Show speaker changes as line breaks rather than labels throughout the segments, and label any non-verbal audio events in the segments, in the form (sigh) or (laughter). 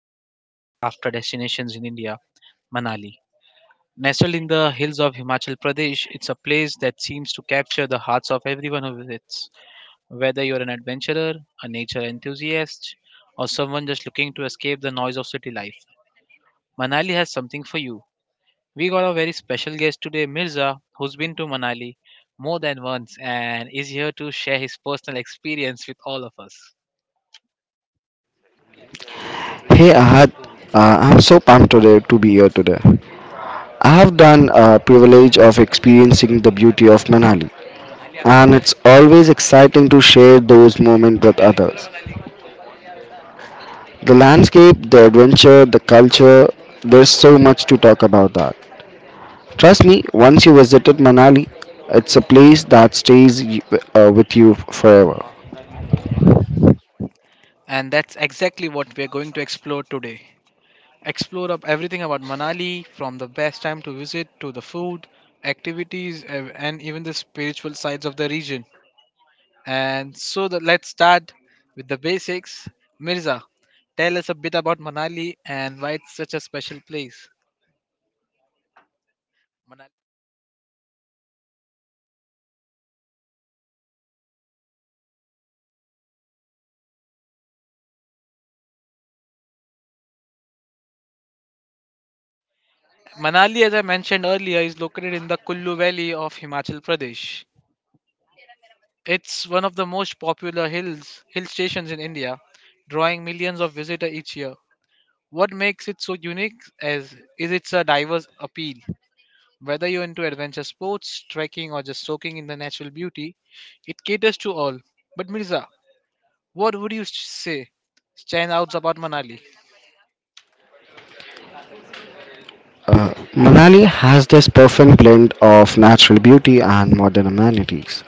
of the most sought after destinations in India, Manali. Nestled in the hills of Himachal Pradesh, it's a place that seems to capture the hearts of everyone who visits. Whether you're an adventurer, a nature enthusiast, or someone just looking to escape the noise of city life, Manali has something for you. We got a very special guest today, Mirza, who's been to Manali more than once and is here to share his personal experience with all of us.
Hey Ahad, I'm so pumped today to be here today. I have done a privilege of experiencing the beauty of Manali, and it's always exciting to share those moments with others. The landscape, the adventure, the culture, there's so much to talk about that. Trust me, once you visited Manali, it's a place that stays with you forever.
And that's exactly what we're going to explore today. Explore up everything about Manali from the best time to visit to the food, activities, and even the spiritual sides of the region. And so that let's start with the basics. Mirza, tell us a bit about Manali and why it's such a special place. Manali, as I mentioned earlier, is located in the Kullu Valley of Himachal Pradesh. It's one of the most popular hill stations in India, drawing millions of visitors each year. What makes it so unique is its a diverse appeal. Whether you're into adventure sports, trekking, or just soaking in the natural beauty, it caters to all. But Mirza, what would you say stands out about Manali?
Manali has this perfect blend of natural beauty and modern amenities,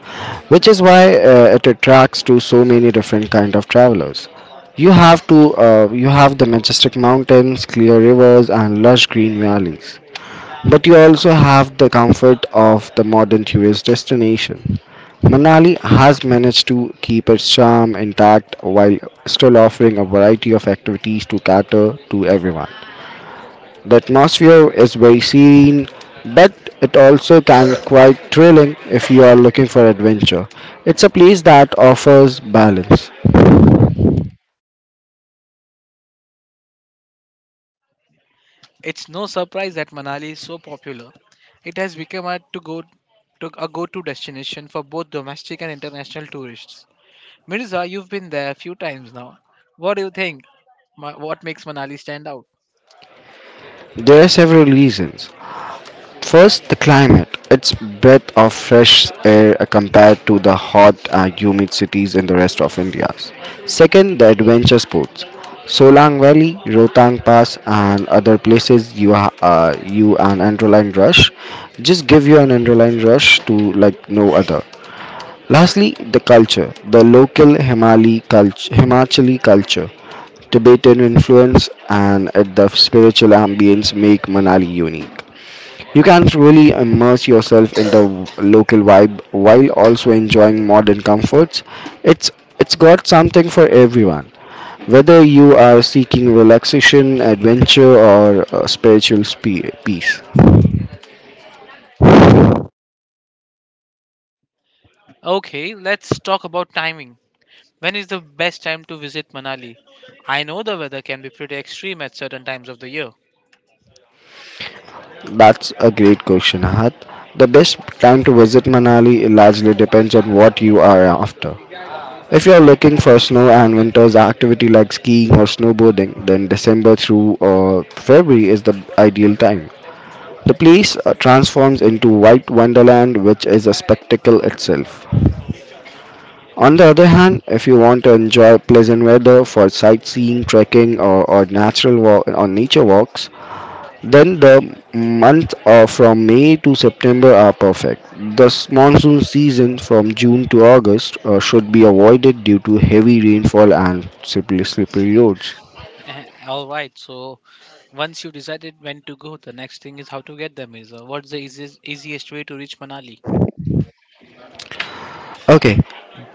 which is why it attracts to so many different kind of travelers. You have the majestic mountains, clear rivers, and lush green valleys, but you also have the comfort of the modern tourist destination. Manali has managed to keep its charm intact while still offering a variety of activities to cater to everyone. The atmosphere is very serene, but it also can be quite thrilling if you are looking for adventure. It's a place that offers balance.
It's no surprise that Manali is so popular. It has become a to go to a go-to destination for both domestic and international tourists. Mirza, you've been there a few times now. What do you think? What makes Manali stand out?
There are several reasons. First, the climate. Its breath of fresh air compared to the hot and humid cities in the rest of India. Second, the adventure sports. Solang Valley, Rotang Pass, and other places you ha- you an adrenaline rush. Just give you an adrenaline rush to like no other. Lastly, the culture, the local Himali culture, Himachali culture, Tibetan influence, and the spiritual ambience make Manali unique. You can truly immerse yourself in the local vibe while also enjoying modern comforts. It's it's got something for everyone. Whether you are seeking relaxation, adventure, or spiritual peace.
Okay, let's talk about timing. When is the best time to visit Manali? I know the weather can be pretty extreme at certain times of the year. (laughs)
That's a great question, Ahat. The best time to visit Manali largely depends on what you are after. If you are looking for snow and winter's activity like skiing or snowboarding, then December through February is the ideal time. The place transforms into white wonderland, which is a spectacle itself. On the other hand, if you want to enjoy pleasant weather for sightseeing, trekking, or natural walk or nature walks, then the months of from May to September are perfect. The monsoon season from June to August should be avoided due to heavy rainfall and slippery roads.
All right, so once you decided when to go, the next thing is how to get there, Mirza. What's the easiest way to reach Manali?
Okay,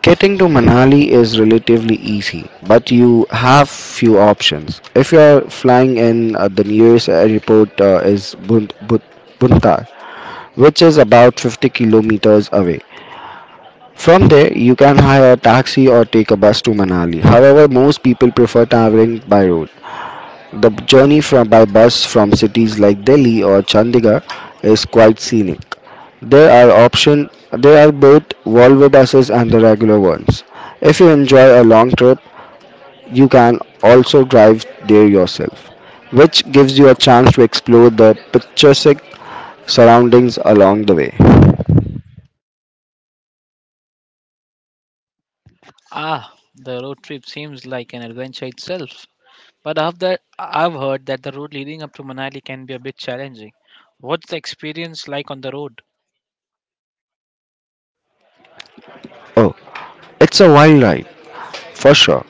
getting to Manali is relatively easy, but you have few options. If you're flying in, the nearest airport is Buntar, which is about 50 kilometers away. From there, you can hire a taxi or take a bus to Manali. However, most people prefer traveling by road. The journey from by bus from cities like Delhi or Chandigarh is quite scenic. There are option there are both Volvo buses and the regular ones. If you enjoy a long trip, you can also drive there yourself, which gives you a chance to explore the picturesque surroundings along the way.
Ah, the road trip seems like an adventure itself. But after I've heard that the road leading up to Manali can be a bit challenging. What's the experience like on the road?
Oh, it's a wild ride for sure.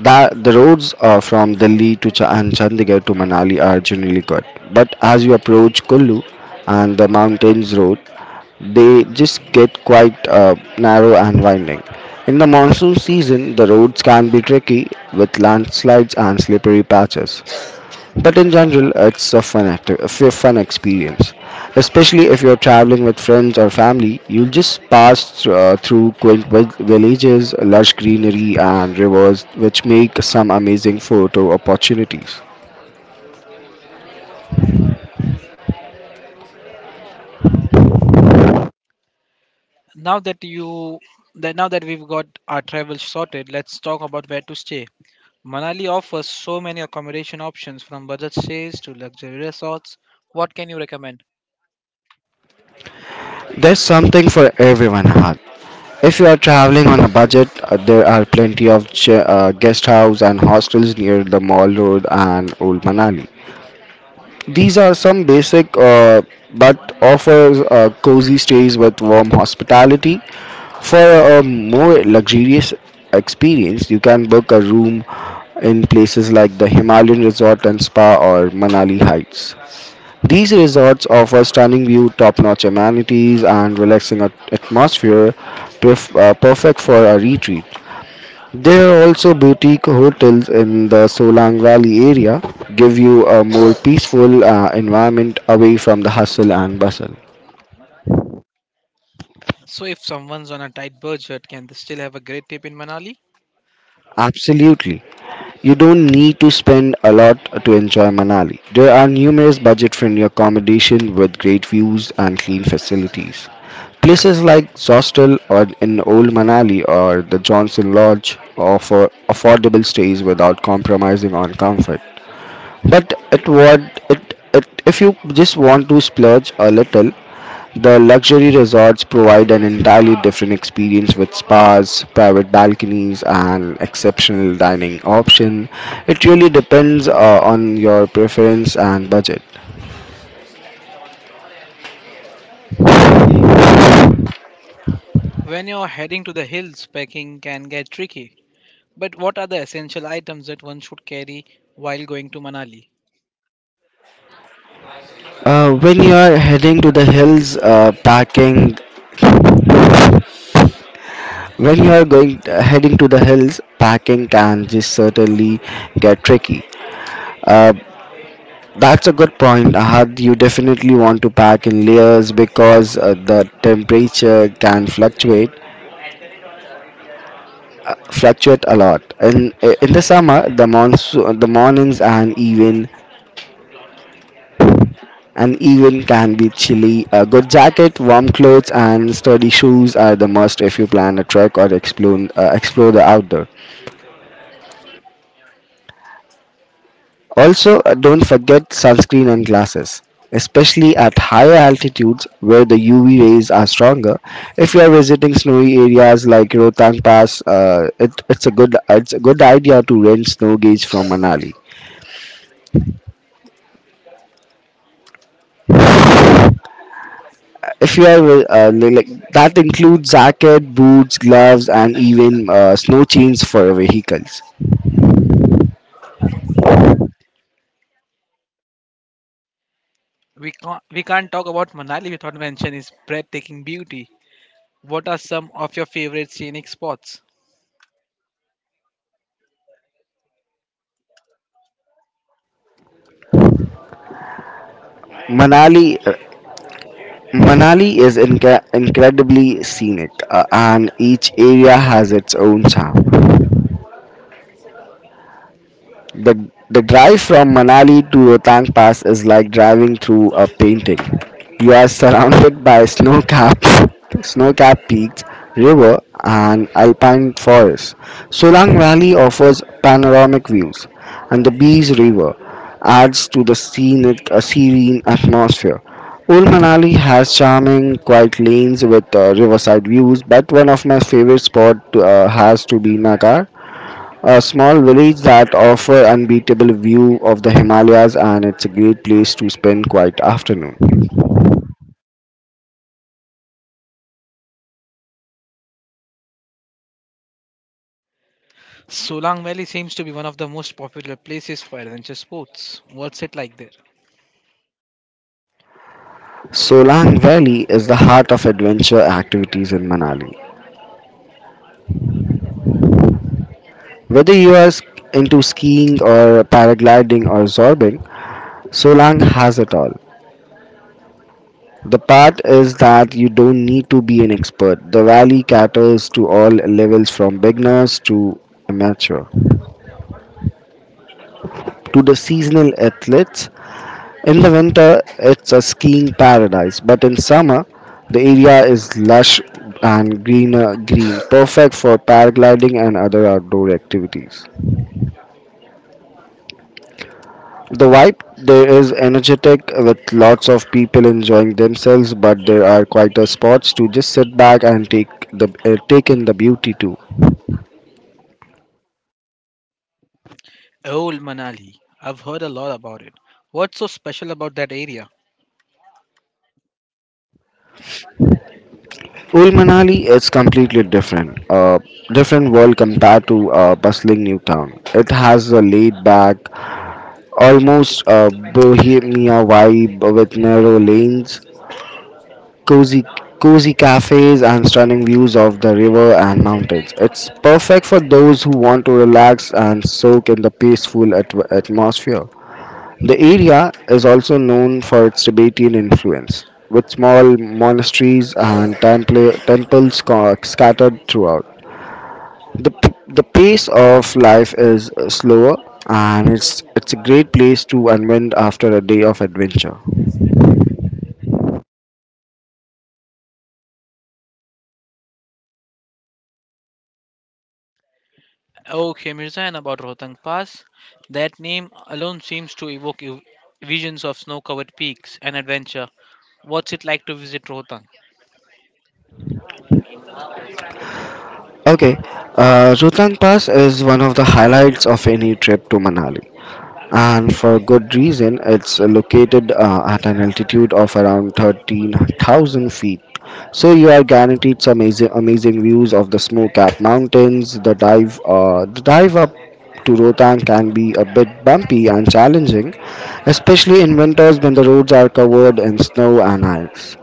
That the roads from Delhi to and Chandigarh to Manali are generally good, but as you approach Kullu and the mountains road, they just get quite narrow and winding. In the monsoon season, the roads can be tricky with landslides and slippery patches. But in general, it's a fun acti- a f- fun experience, especially if you're traveling with friends or family. You'll just pass through quaint villages, lush greenery, and rivers, which make some amazing photo opportunities.
Now that you that now that we've got our travel sorted, let's talk about where to stay. Manali offers so many accommodation options from budget stays to luxury resorts. What can you recommend?
There's something for everyone, Ahad. If you are traveling on a budget, there are plenty of guest house and hostels near the Mall Road and Old Manali. These are some basic, but offers cozy stays with warm hospitality. For a more luxurious experience, you can book a room in places like the Himalayan Resort and Spa or Manali Heights. These resorts offer stunning view, top-notch amenities, and relaxing atmosphere, perfect for a retreat. There are also boutique hotels in the Solang Valley area, give you a more peaceful environment away from the hustle and bustle.
So if someone's on a tight budget, can they still have a great trip in Manali?
Absolutely. You don't need to spend a lot to enjoy Manali. There are numerous budget-friendly accommodation with great views and clean facilities. Places like Zostel or in Old Manali or the Johnson Lodge offer affordable stays without compromising on comfort. But it what it if you just want to splurge a little, the luxury resorts provide an entirely different experience with spas, private balconies, and exceptional dining option. It really depends on your preference and budget.
When you're heading to the hills, packing can get tricky. But what are the essential items that one should carry while going to Manali?
When you are heading to the hills, packing when you are going heading to the hills, packing can just certainly get tricky. Uh, That's a good point, Ahad. You definitely want to pack in layers because the temperature can fluctuate a lot. In the summer, the monsoon, the mornings and even can be chilly. A good jacket, warm clothes, and sturdy shoes are the must if you plan a trek or explore the outdoor. Also, don't forget sunscreen and glasses, especially at higher altitudes where the UV rays are stronger. If you are visiting snowy areas like Rohtang Pass, it's a good idea to rent snow gauge from Manali. If you are that includes jacket, boots, gloves, and even snow chains for vehicles.
We can't talk about Manali without mentioning its breathtaking beauty. What are some of your favorite scenic spots?
Manali uh, Manali is incredibly scenic, and each area has its own charm. The drive from Manali to Rohtang Pass is like driving through a painting. You are surrounded by snow-capped, (laughs) snow-capped peaks, river, and alpine forests. Solang Valley offers panoramic views, and the Bees River adds to the scenic, a serene atmosphere. Old Manali has charming, quiet lanes with riverside views, but one of my favorite spots has to be Nagar, a small village that offer unbeatable view of the Himalayas, and it's a great place to spend quiet afternoon.
Solang Valley seems to be one of the most popular places for adventure sports. What's it like there?
Solang Valley is the heart of adventure activities in Manali. Whether you are into skiing or paragliding or zorbing, Solang has it all. The part is that you don't need to be an expert. The valley caters to all levels, from beginners to amateur to the seasonal athletes. In the winter, it's a skiing paradise, but in summer, the area is lush and greener green, perfect for paragliding and other outdoor activities. The vibe there is energetic with lots of people enjoying themselves, but there are quieter spots to just sit back and take in the beauty too.
Old Manali. I've heard a lot about it. What's so special about that area?
Old Manali is completely different, different world compared to a bustling new town. It has a laid back, almost a bohemia vibe with narrow lanes, cozy cozy cafes and stunning views of the river and mountains. It's perfect for those who want to relax and soak in the peaceful atmosphere. The area is also known for its Tibetan influence, with small monasteries and temples scattered throughout. The pace of life is slower, and it's a great place to unwind after a day of adventure.
Okay, Mirza, and about Rohtang Pass. That name alone seems to evoke visions of snow covered peaks and adventure. What's it like to visit Rohtang?
Okay, Rohtang Pass is one of the highlights of any trip to Manali, and for good reason. It's located at an altitude of around 13,000 feet, so you are guaranteed some amazing views of the snow-capped mountains. The dive the dive up to Rohtang can be a bit bumpy and challenging, especially in winters when the roads are covered in snow and ice.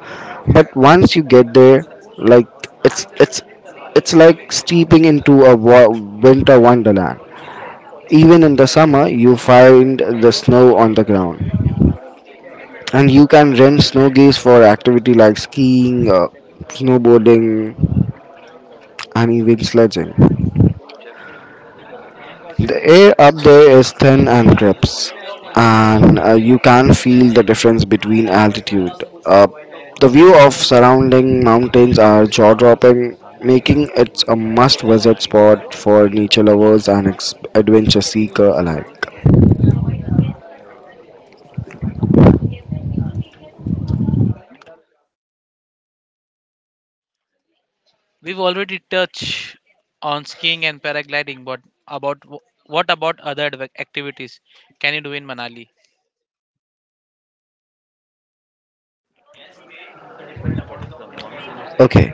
But once you get there, like it's it's it's like stepping into a winter wonderland. Even in the summer, you find the snow on the ground, and you can rent snow geese for activity like skiing, snowboarding, and even sledging. The air up there is thin and crisp, and you can feel the difference between altitude. Uh, the view of surrounding mountains are jaw-dropping, making it a must-visit spot for nature lovers and adventure seeker alike.
We've already touched on skiing and paragliding, but what about other activities can you do in Manali?
Okay,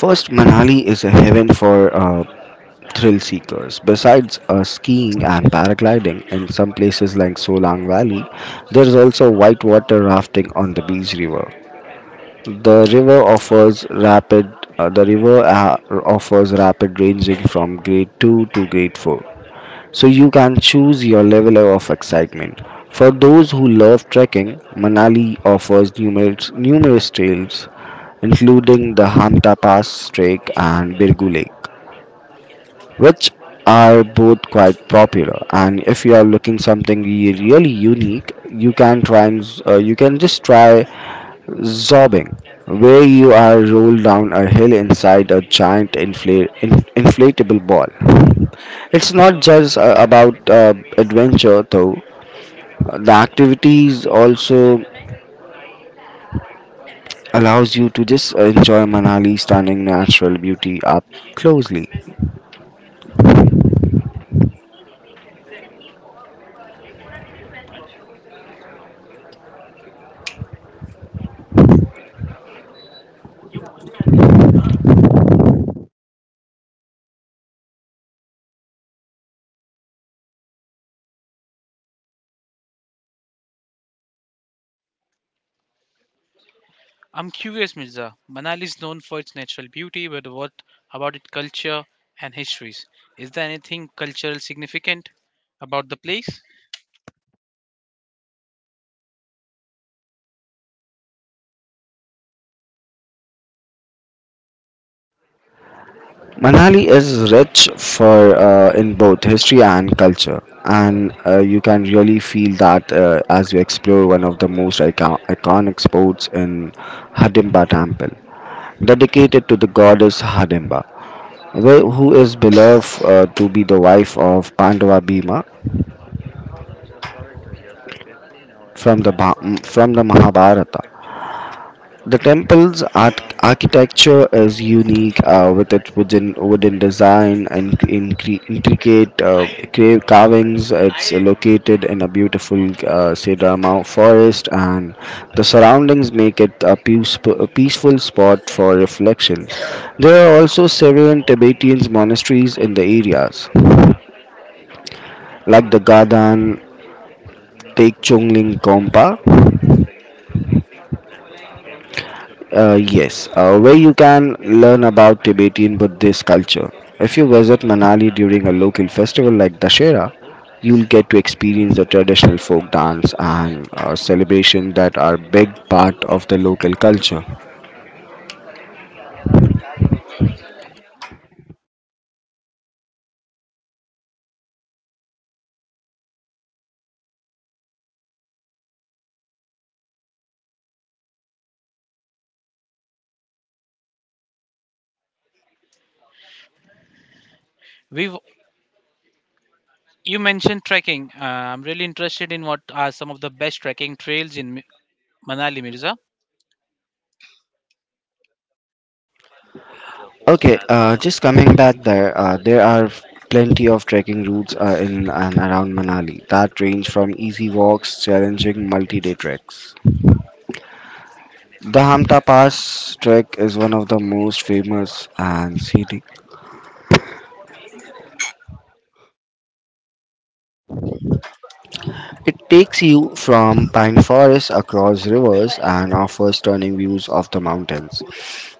first Manali is a heaven for thrill seekers. Besides skiing and paragliding in some places like Solang Valley, there is also whitewater rafting on the Beach River. The river offers rapid ranging from grade 2 to grade 4. So you can choose your level of excitement. For those who love trekking, Manali offers numerous trails including the Hamta Pass Trek and Birgu Lake, which are both quite popular. And if you are looking something really unique, you can just try Zobbing, where you are rolled down a hill inside a giant inflatable ball. It's not just about adventure though. The activities also allows you to just enjoy Manali's stunning natural beauty up closely.
I'm curious, Mirza. Manali is known for its natural beauty, but what about its culture and histories? Is there anything cultural significant about the place?
Manali is rich for in both history and culture, and you can really feel that as you explore one of the most iconic spots in Hidimba Temple. Dedicated to the goddess Hidimba, who is beloved to be the wife of Pandava Bhima from the, Bha- from the Mahabharata. The temple's architecture is unique with its wooden design and intricate carvings. It's located in a beautiful cedar forest, and the surroundings make it a peaceful spot for reflection. There are also several Tibetan monasteries in the areas, like the Gadan Tekchongling Kompa. Yes, where you can learn about Tibetan Buddhist culture. If you visit Manali during a local festival like Dashera, you'll get to experience the traditional folk dance and celebration that are big part of the local culture.
We've you mentioned trekking. I'm really interested in what are some of the best trekking trails in Manali, Mirza.
Okay, just coming back there, there are plenty of trekking routes in and around Manali that range from easy walks, challenging multi-day treks. The Hamta Pass trek is one of the most famous and scenic. It takes you from pine forests across rivers and offers stunning views of the mountains.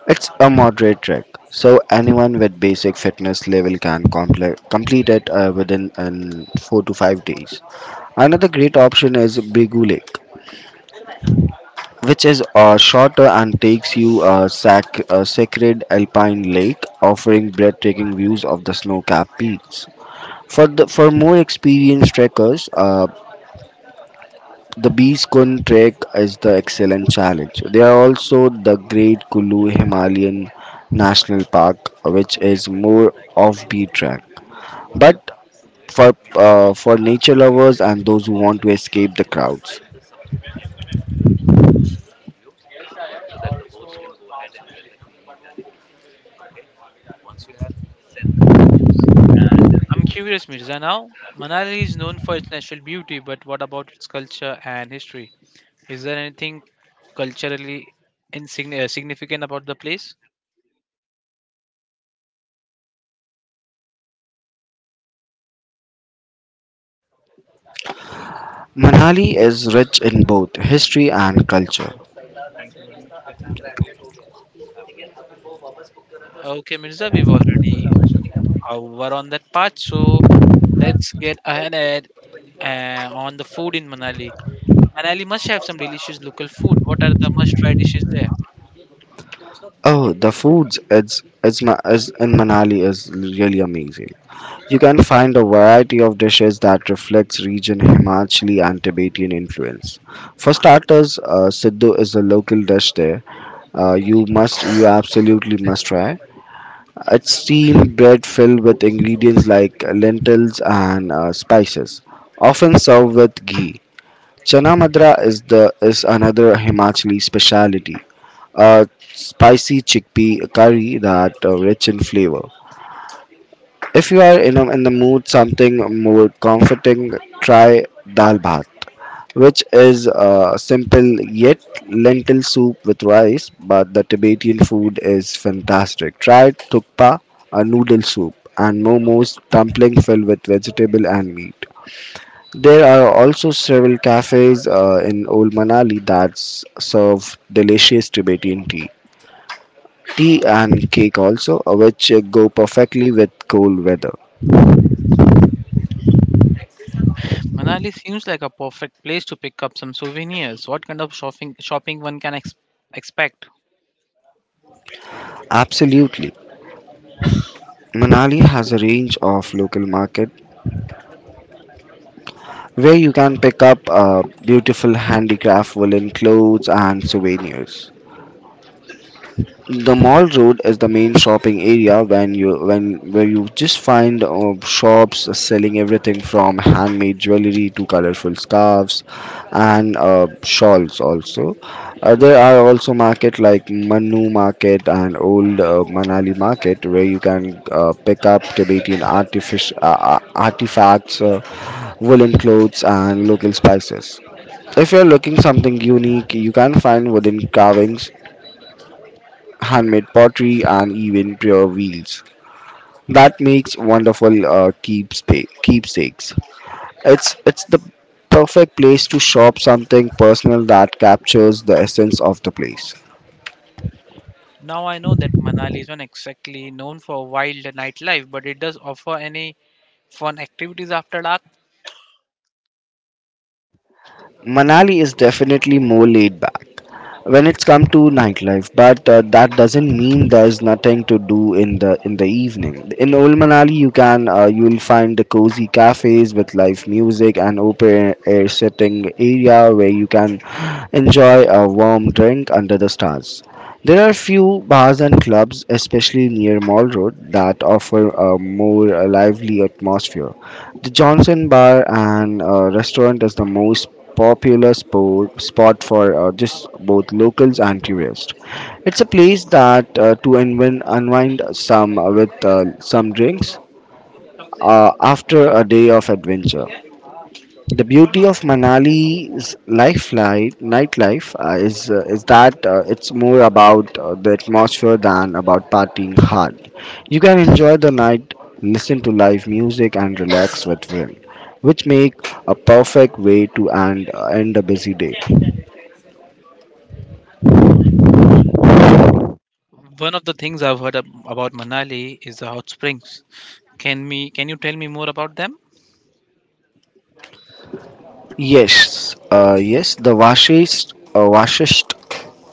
It's a moderate trek, so anyone with basic fitness level can complete it within 4 to 5 days. Another great option is Brigu Lake, which is shorter and takes you a sacred alpine lake, offering breathtaking views of the snow-capped peaks. For more experienced trekkers, the Beachcon Trek is the excellent challenge. There are also the Great Kulu Himalayan National Park, which is more offbeat track, but for nature lovers and those who want to escape the crowds.
I'm curious, Mirza. Now, Manali is known for its natural beauty, but what about its culture and history? Is there anything culturally significant about the place?
Manali is rich in both history and culture.
Okay, Mirza, we've already were on that part, so let's get ahead at, on the food in Manali. Manali must have some delicious local food. What are the must-try dishes there?
Oh, the foods it's, ma- is in Manali is really amazing. You can find a variety of dishes that reflects region Himachali and Tibetan influence. For starters, Siddhu is a local dish there. You absolutely must try. It's steamed bread filled with ingredients like lentils and spices, often served with ghee. Chana madra is the is another Himachali specialty. A spicy chickpea curry that rich in flavor. If you are in the mood something more comforting, try dal bhat, which is a simple yet lentil soup with rice, but the Tibetan food is fantastic. Try thukpa, a noodle soup, and momos, dumpling filled with vegetable and meat. There are also several cafes in Old Manali that serve delicious Tibetan tea. Tea and cake also, which go perfectly with cold weather.
Manali seems like a perfect place to pick up some souvenirs. What kind of shopping one can expect?
Absolutely. Manali has a range of local market where you can pick up beautiful handicraft woolen clothes and souvenirs. The Mall Road is the main shopping area when you when where you just find shops selling everything from handmade jewelry to colorful scarves and shawls also. There are also market like Manu Market and Old Manali Market where you can pick up Tibetan artifacts, woolen clothes and local spices. If you're looking something unique, you can find wooden carvings, handmade pottery, and even prayer wheels. That makes wonderful keepsakes. It's the perfect place to shop something personal that captures the essence of the place.
Now I know that Manali isn't exactly known for wild nightlife, but it does offer any fun activities after dark.
Manali is definitely more laid back when it's come to nightlife, but that doesn't mean there's nothing to do in the evening. In old Manali, you can you'll find the cozy cafes with live music and open air sitting area where you can enjoy a warm drink under the stars. There are few bars and clubs, especially near Mall Road, that offer a more lively atmosphere. The Johnson Bar and Restaurant is the most popular spot for just both locals and tourists. It's a place that to unwind some with some drinks after a day of adventure. The beauty of Manali's nightlife is that it's more about the atmosphere than about partying hard. You can enjoy the night, listen to live music, and relax with friends, which make a perfect way to end a busy day.
One of the things I've heard about Manali is the hot springs. Can you tell me more about them?
Yes, the Vashist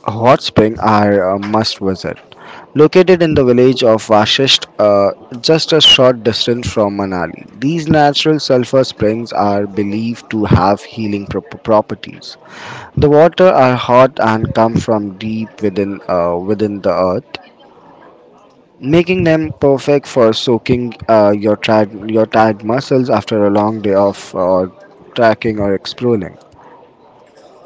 hot spring are a must visit. Located in the village of Vashist, just a short distance from Manali, these natural sulfur springs are believed to have healing properties. The water are hot and come from deep within the earth, making them perfect for soaking your tired muscles after a long day of trekking or exploring.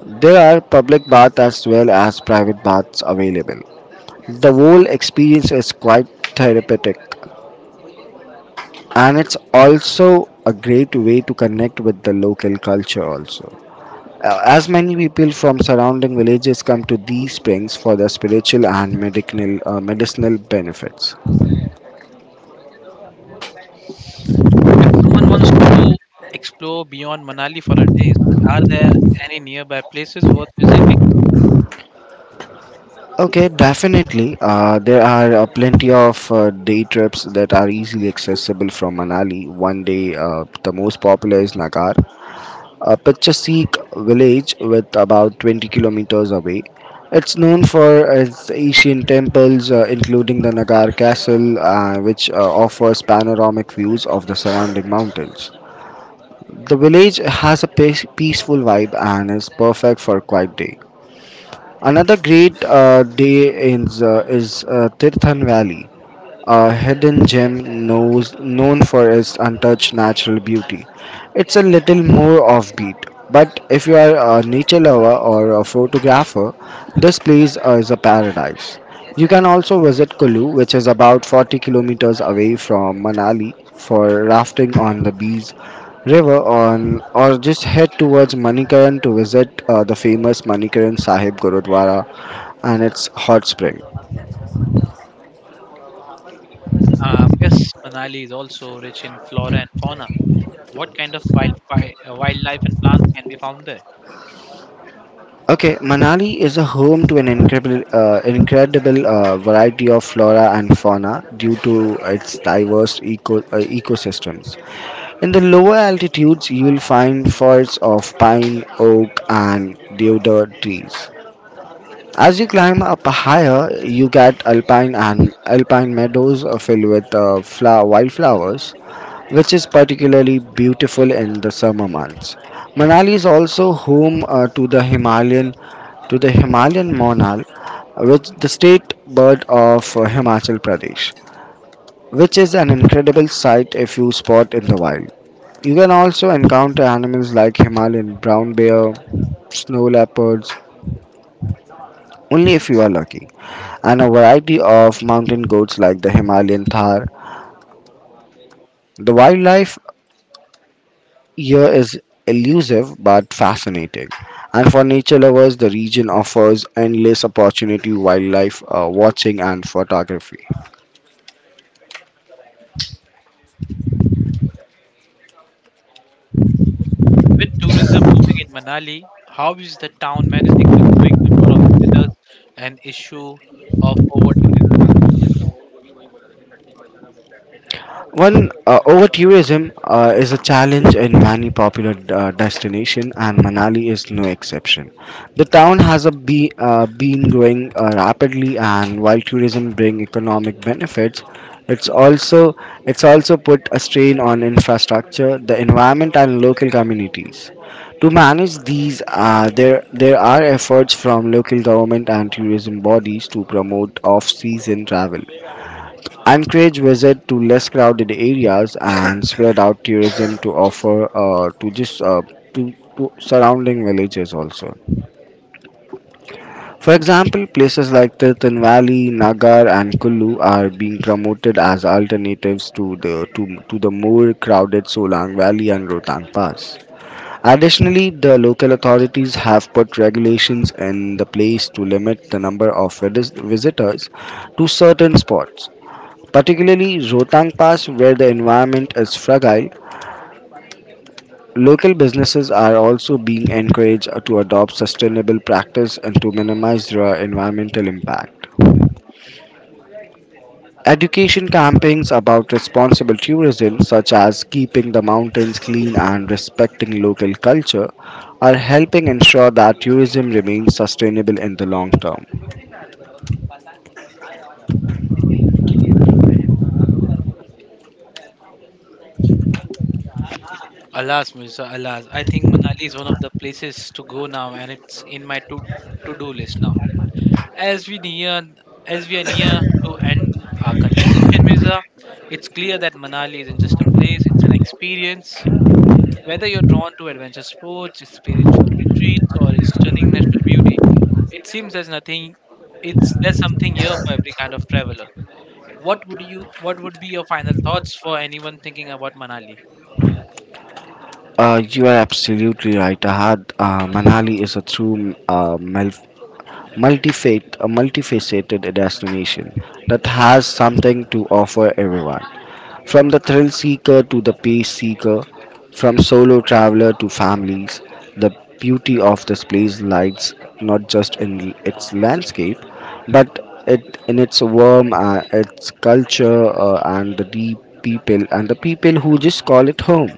There are public baths as well as private baths available. The whole experience is quite therapeutic, and it's also a great way to connect with the local culture also. As many people from surrounding villages come to these springs for their spiritual and medicinal benefits.
If someone wants to explore beyond Manali for a day, are there any nearby places worth visiting?
Okay, definitely. There are plenty of day trips that are easily accessible from Manali. One day, the most popular is Nagar, a picturesque village with about 20 kilometers away. It's known for its ancient temples, including the Nagar Castle, which offers panoramic views of the surrounding mountains. The village has a peaceful vibe and is perfect for a quiet day. Another great day is Tirthan Valley, a hidden gem known for its untouched natural beauty. It's a little more offbeat, but if you are a nature lover or a photographer, this place is a paradise. You can also visit Kulu, which is about 40 kilometers away from Manali, for rafting on the Bees River on, or just head towards Manikaran to visit the famous Manikaran Sahib Gurudwara and its hot spring.
Yes, Manali is also rich in flora and fauna. What kind of wildlife and plants can be found there?
Okay, Manali is a home to an incredible variety of flora and fauna due to its diverse ecosystems. In the lower altitudes, you will find forests of pine, oak, and deodar trees. As you climb up higher, you get alpine and alpine meadows filled with wildflowers, which is particularly beautiful in the summer months. Manali is also home to the Himalayan monal, which the state bird of Himachal Pradesh, which is an incredible sight if you spot in the wild. You can also encounter animals like Himalayan brown bear, snow leopards, only if you are lucky, and a variety of mountain goats like the Himalayan Thar. The wildlife here is elusive but fascinating. And for nature lovers, the region offers endless opportunity wildlife watching and photography.
With tourism booming in Manali, how is the town managing the growing number of visitors and issue of over tourism?
Well, over tourism is a challenge in many popular destinations, and Manali is no exception. The town has been growing rapidly, and while tourism brings economic benefits, it's also it's also put a strain on infrastructure, the environment, and local communities. To manage these, there there are efforts from local government and tourism bodies to promote off-season travel, encourage visit to less crowded areas and spread out tourism to offer uh, to just uh, to surrounding villages also. For example, places like Tirthan Valley, Nagar, and Kullu are being promoted as alternatives to to the more crowded Solang Valley and Rohtang Pass. Additionally, the local authorities have put regulations in the place to limit the number of visitors to certain spots, particularly Rohtang Pass, where the environment is fragile. Local businesses are also being encouraged to adopt sustainable practice and to minimize their environmental impact. Education campaigns about responsible tourism, such as keeping the mountains clean and respecting local culture, are helping ensure that tourism remains sustainable in the long term.
Alas, Mirza, alas, I think Manali is one of the places to go now, and it's in my to do list now. As we near, as we are near to end our conversation, Mirza, it's clear that Manali isn't just a place; it's an experience. Whether you're drawn to adventure sports, spiritual retreats, or its stunning natural beauty, it seems there's nothing. It's there's something here for every kind of traveler. What would be your final thoughts for anyone thinking about Manali?
You are absolutely right, Ahad. Manali is a true multifate, a multifaceted destination that has something to offer everyone. From the thrill seeker to the peace seeker, from solo traveler to families, the beauty of this place lies not just in its landscape, but it in its warm, its culture, and the deep people and the people who just call it home.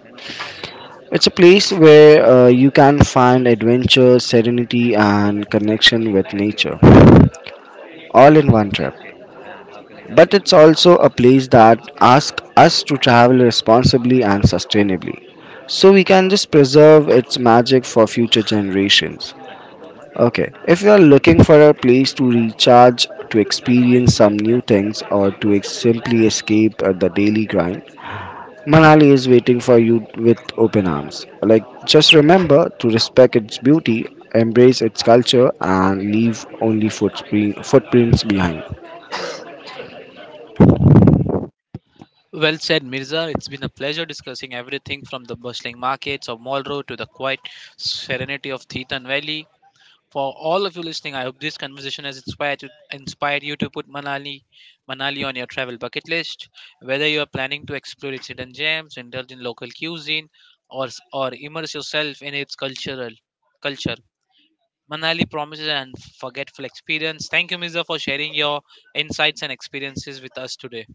It's a place where you can find adventure, serenity, and connection with nature all in one trip. But it's also a place that asks us to travel responsibly and sustainably so we can just preserve its magic for future generations. Okay, if you are looking for a place to recharge, to experience some new things, or to simply escape the daily grind, Manali is waiting for you with open arms. Like, just remember to respect its beauty, embrace its culture, and leave only footprints behind.
Well said, Mirza. It's been a pleasure discussing everything from the bustling markets of Mall Road to the quiet serenity of Thetan Valley. For all of you listening, I hope this conversation has inspired you to put Manali on your travel bucket list. Whether you are planning to explore its hidden gems, indulge in local cuisine, or immerse yourself in its cultural culture, Manali promises an unforgettable experience. Thank you, Miza, for sharing your insights and experiences with us today.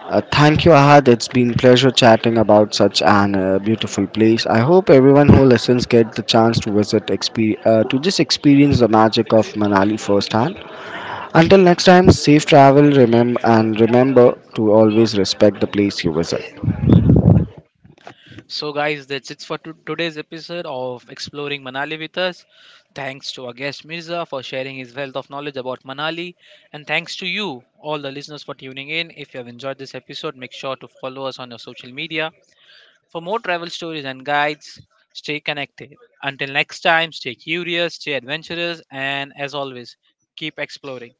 Thank you, Ahad. It's been pleasure chatting about such an beautiful place. I hope everyone who listens get the chance to visit, expe- to just experience the magic of Manali firsthand. Until next time, safe travel. Remember to always respect the place you visit.
So, guys, that's it for today's episode of Exploring Manali with us. Thanks to our guest Mirza for sharing his wealth of knowledge about Manali, and thanks to you, all the listeners, for tuning in. If you have enjoyed this episode, make sure to follow us on your social media for more travel stories and guides. Stay connected. Until next time, stay curious, stay adventurous, and as always, keep exploring.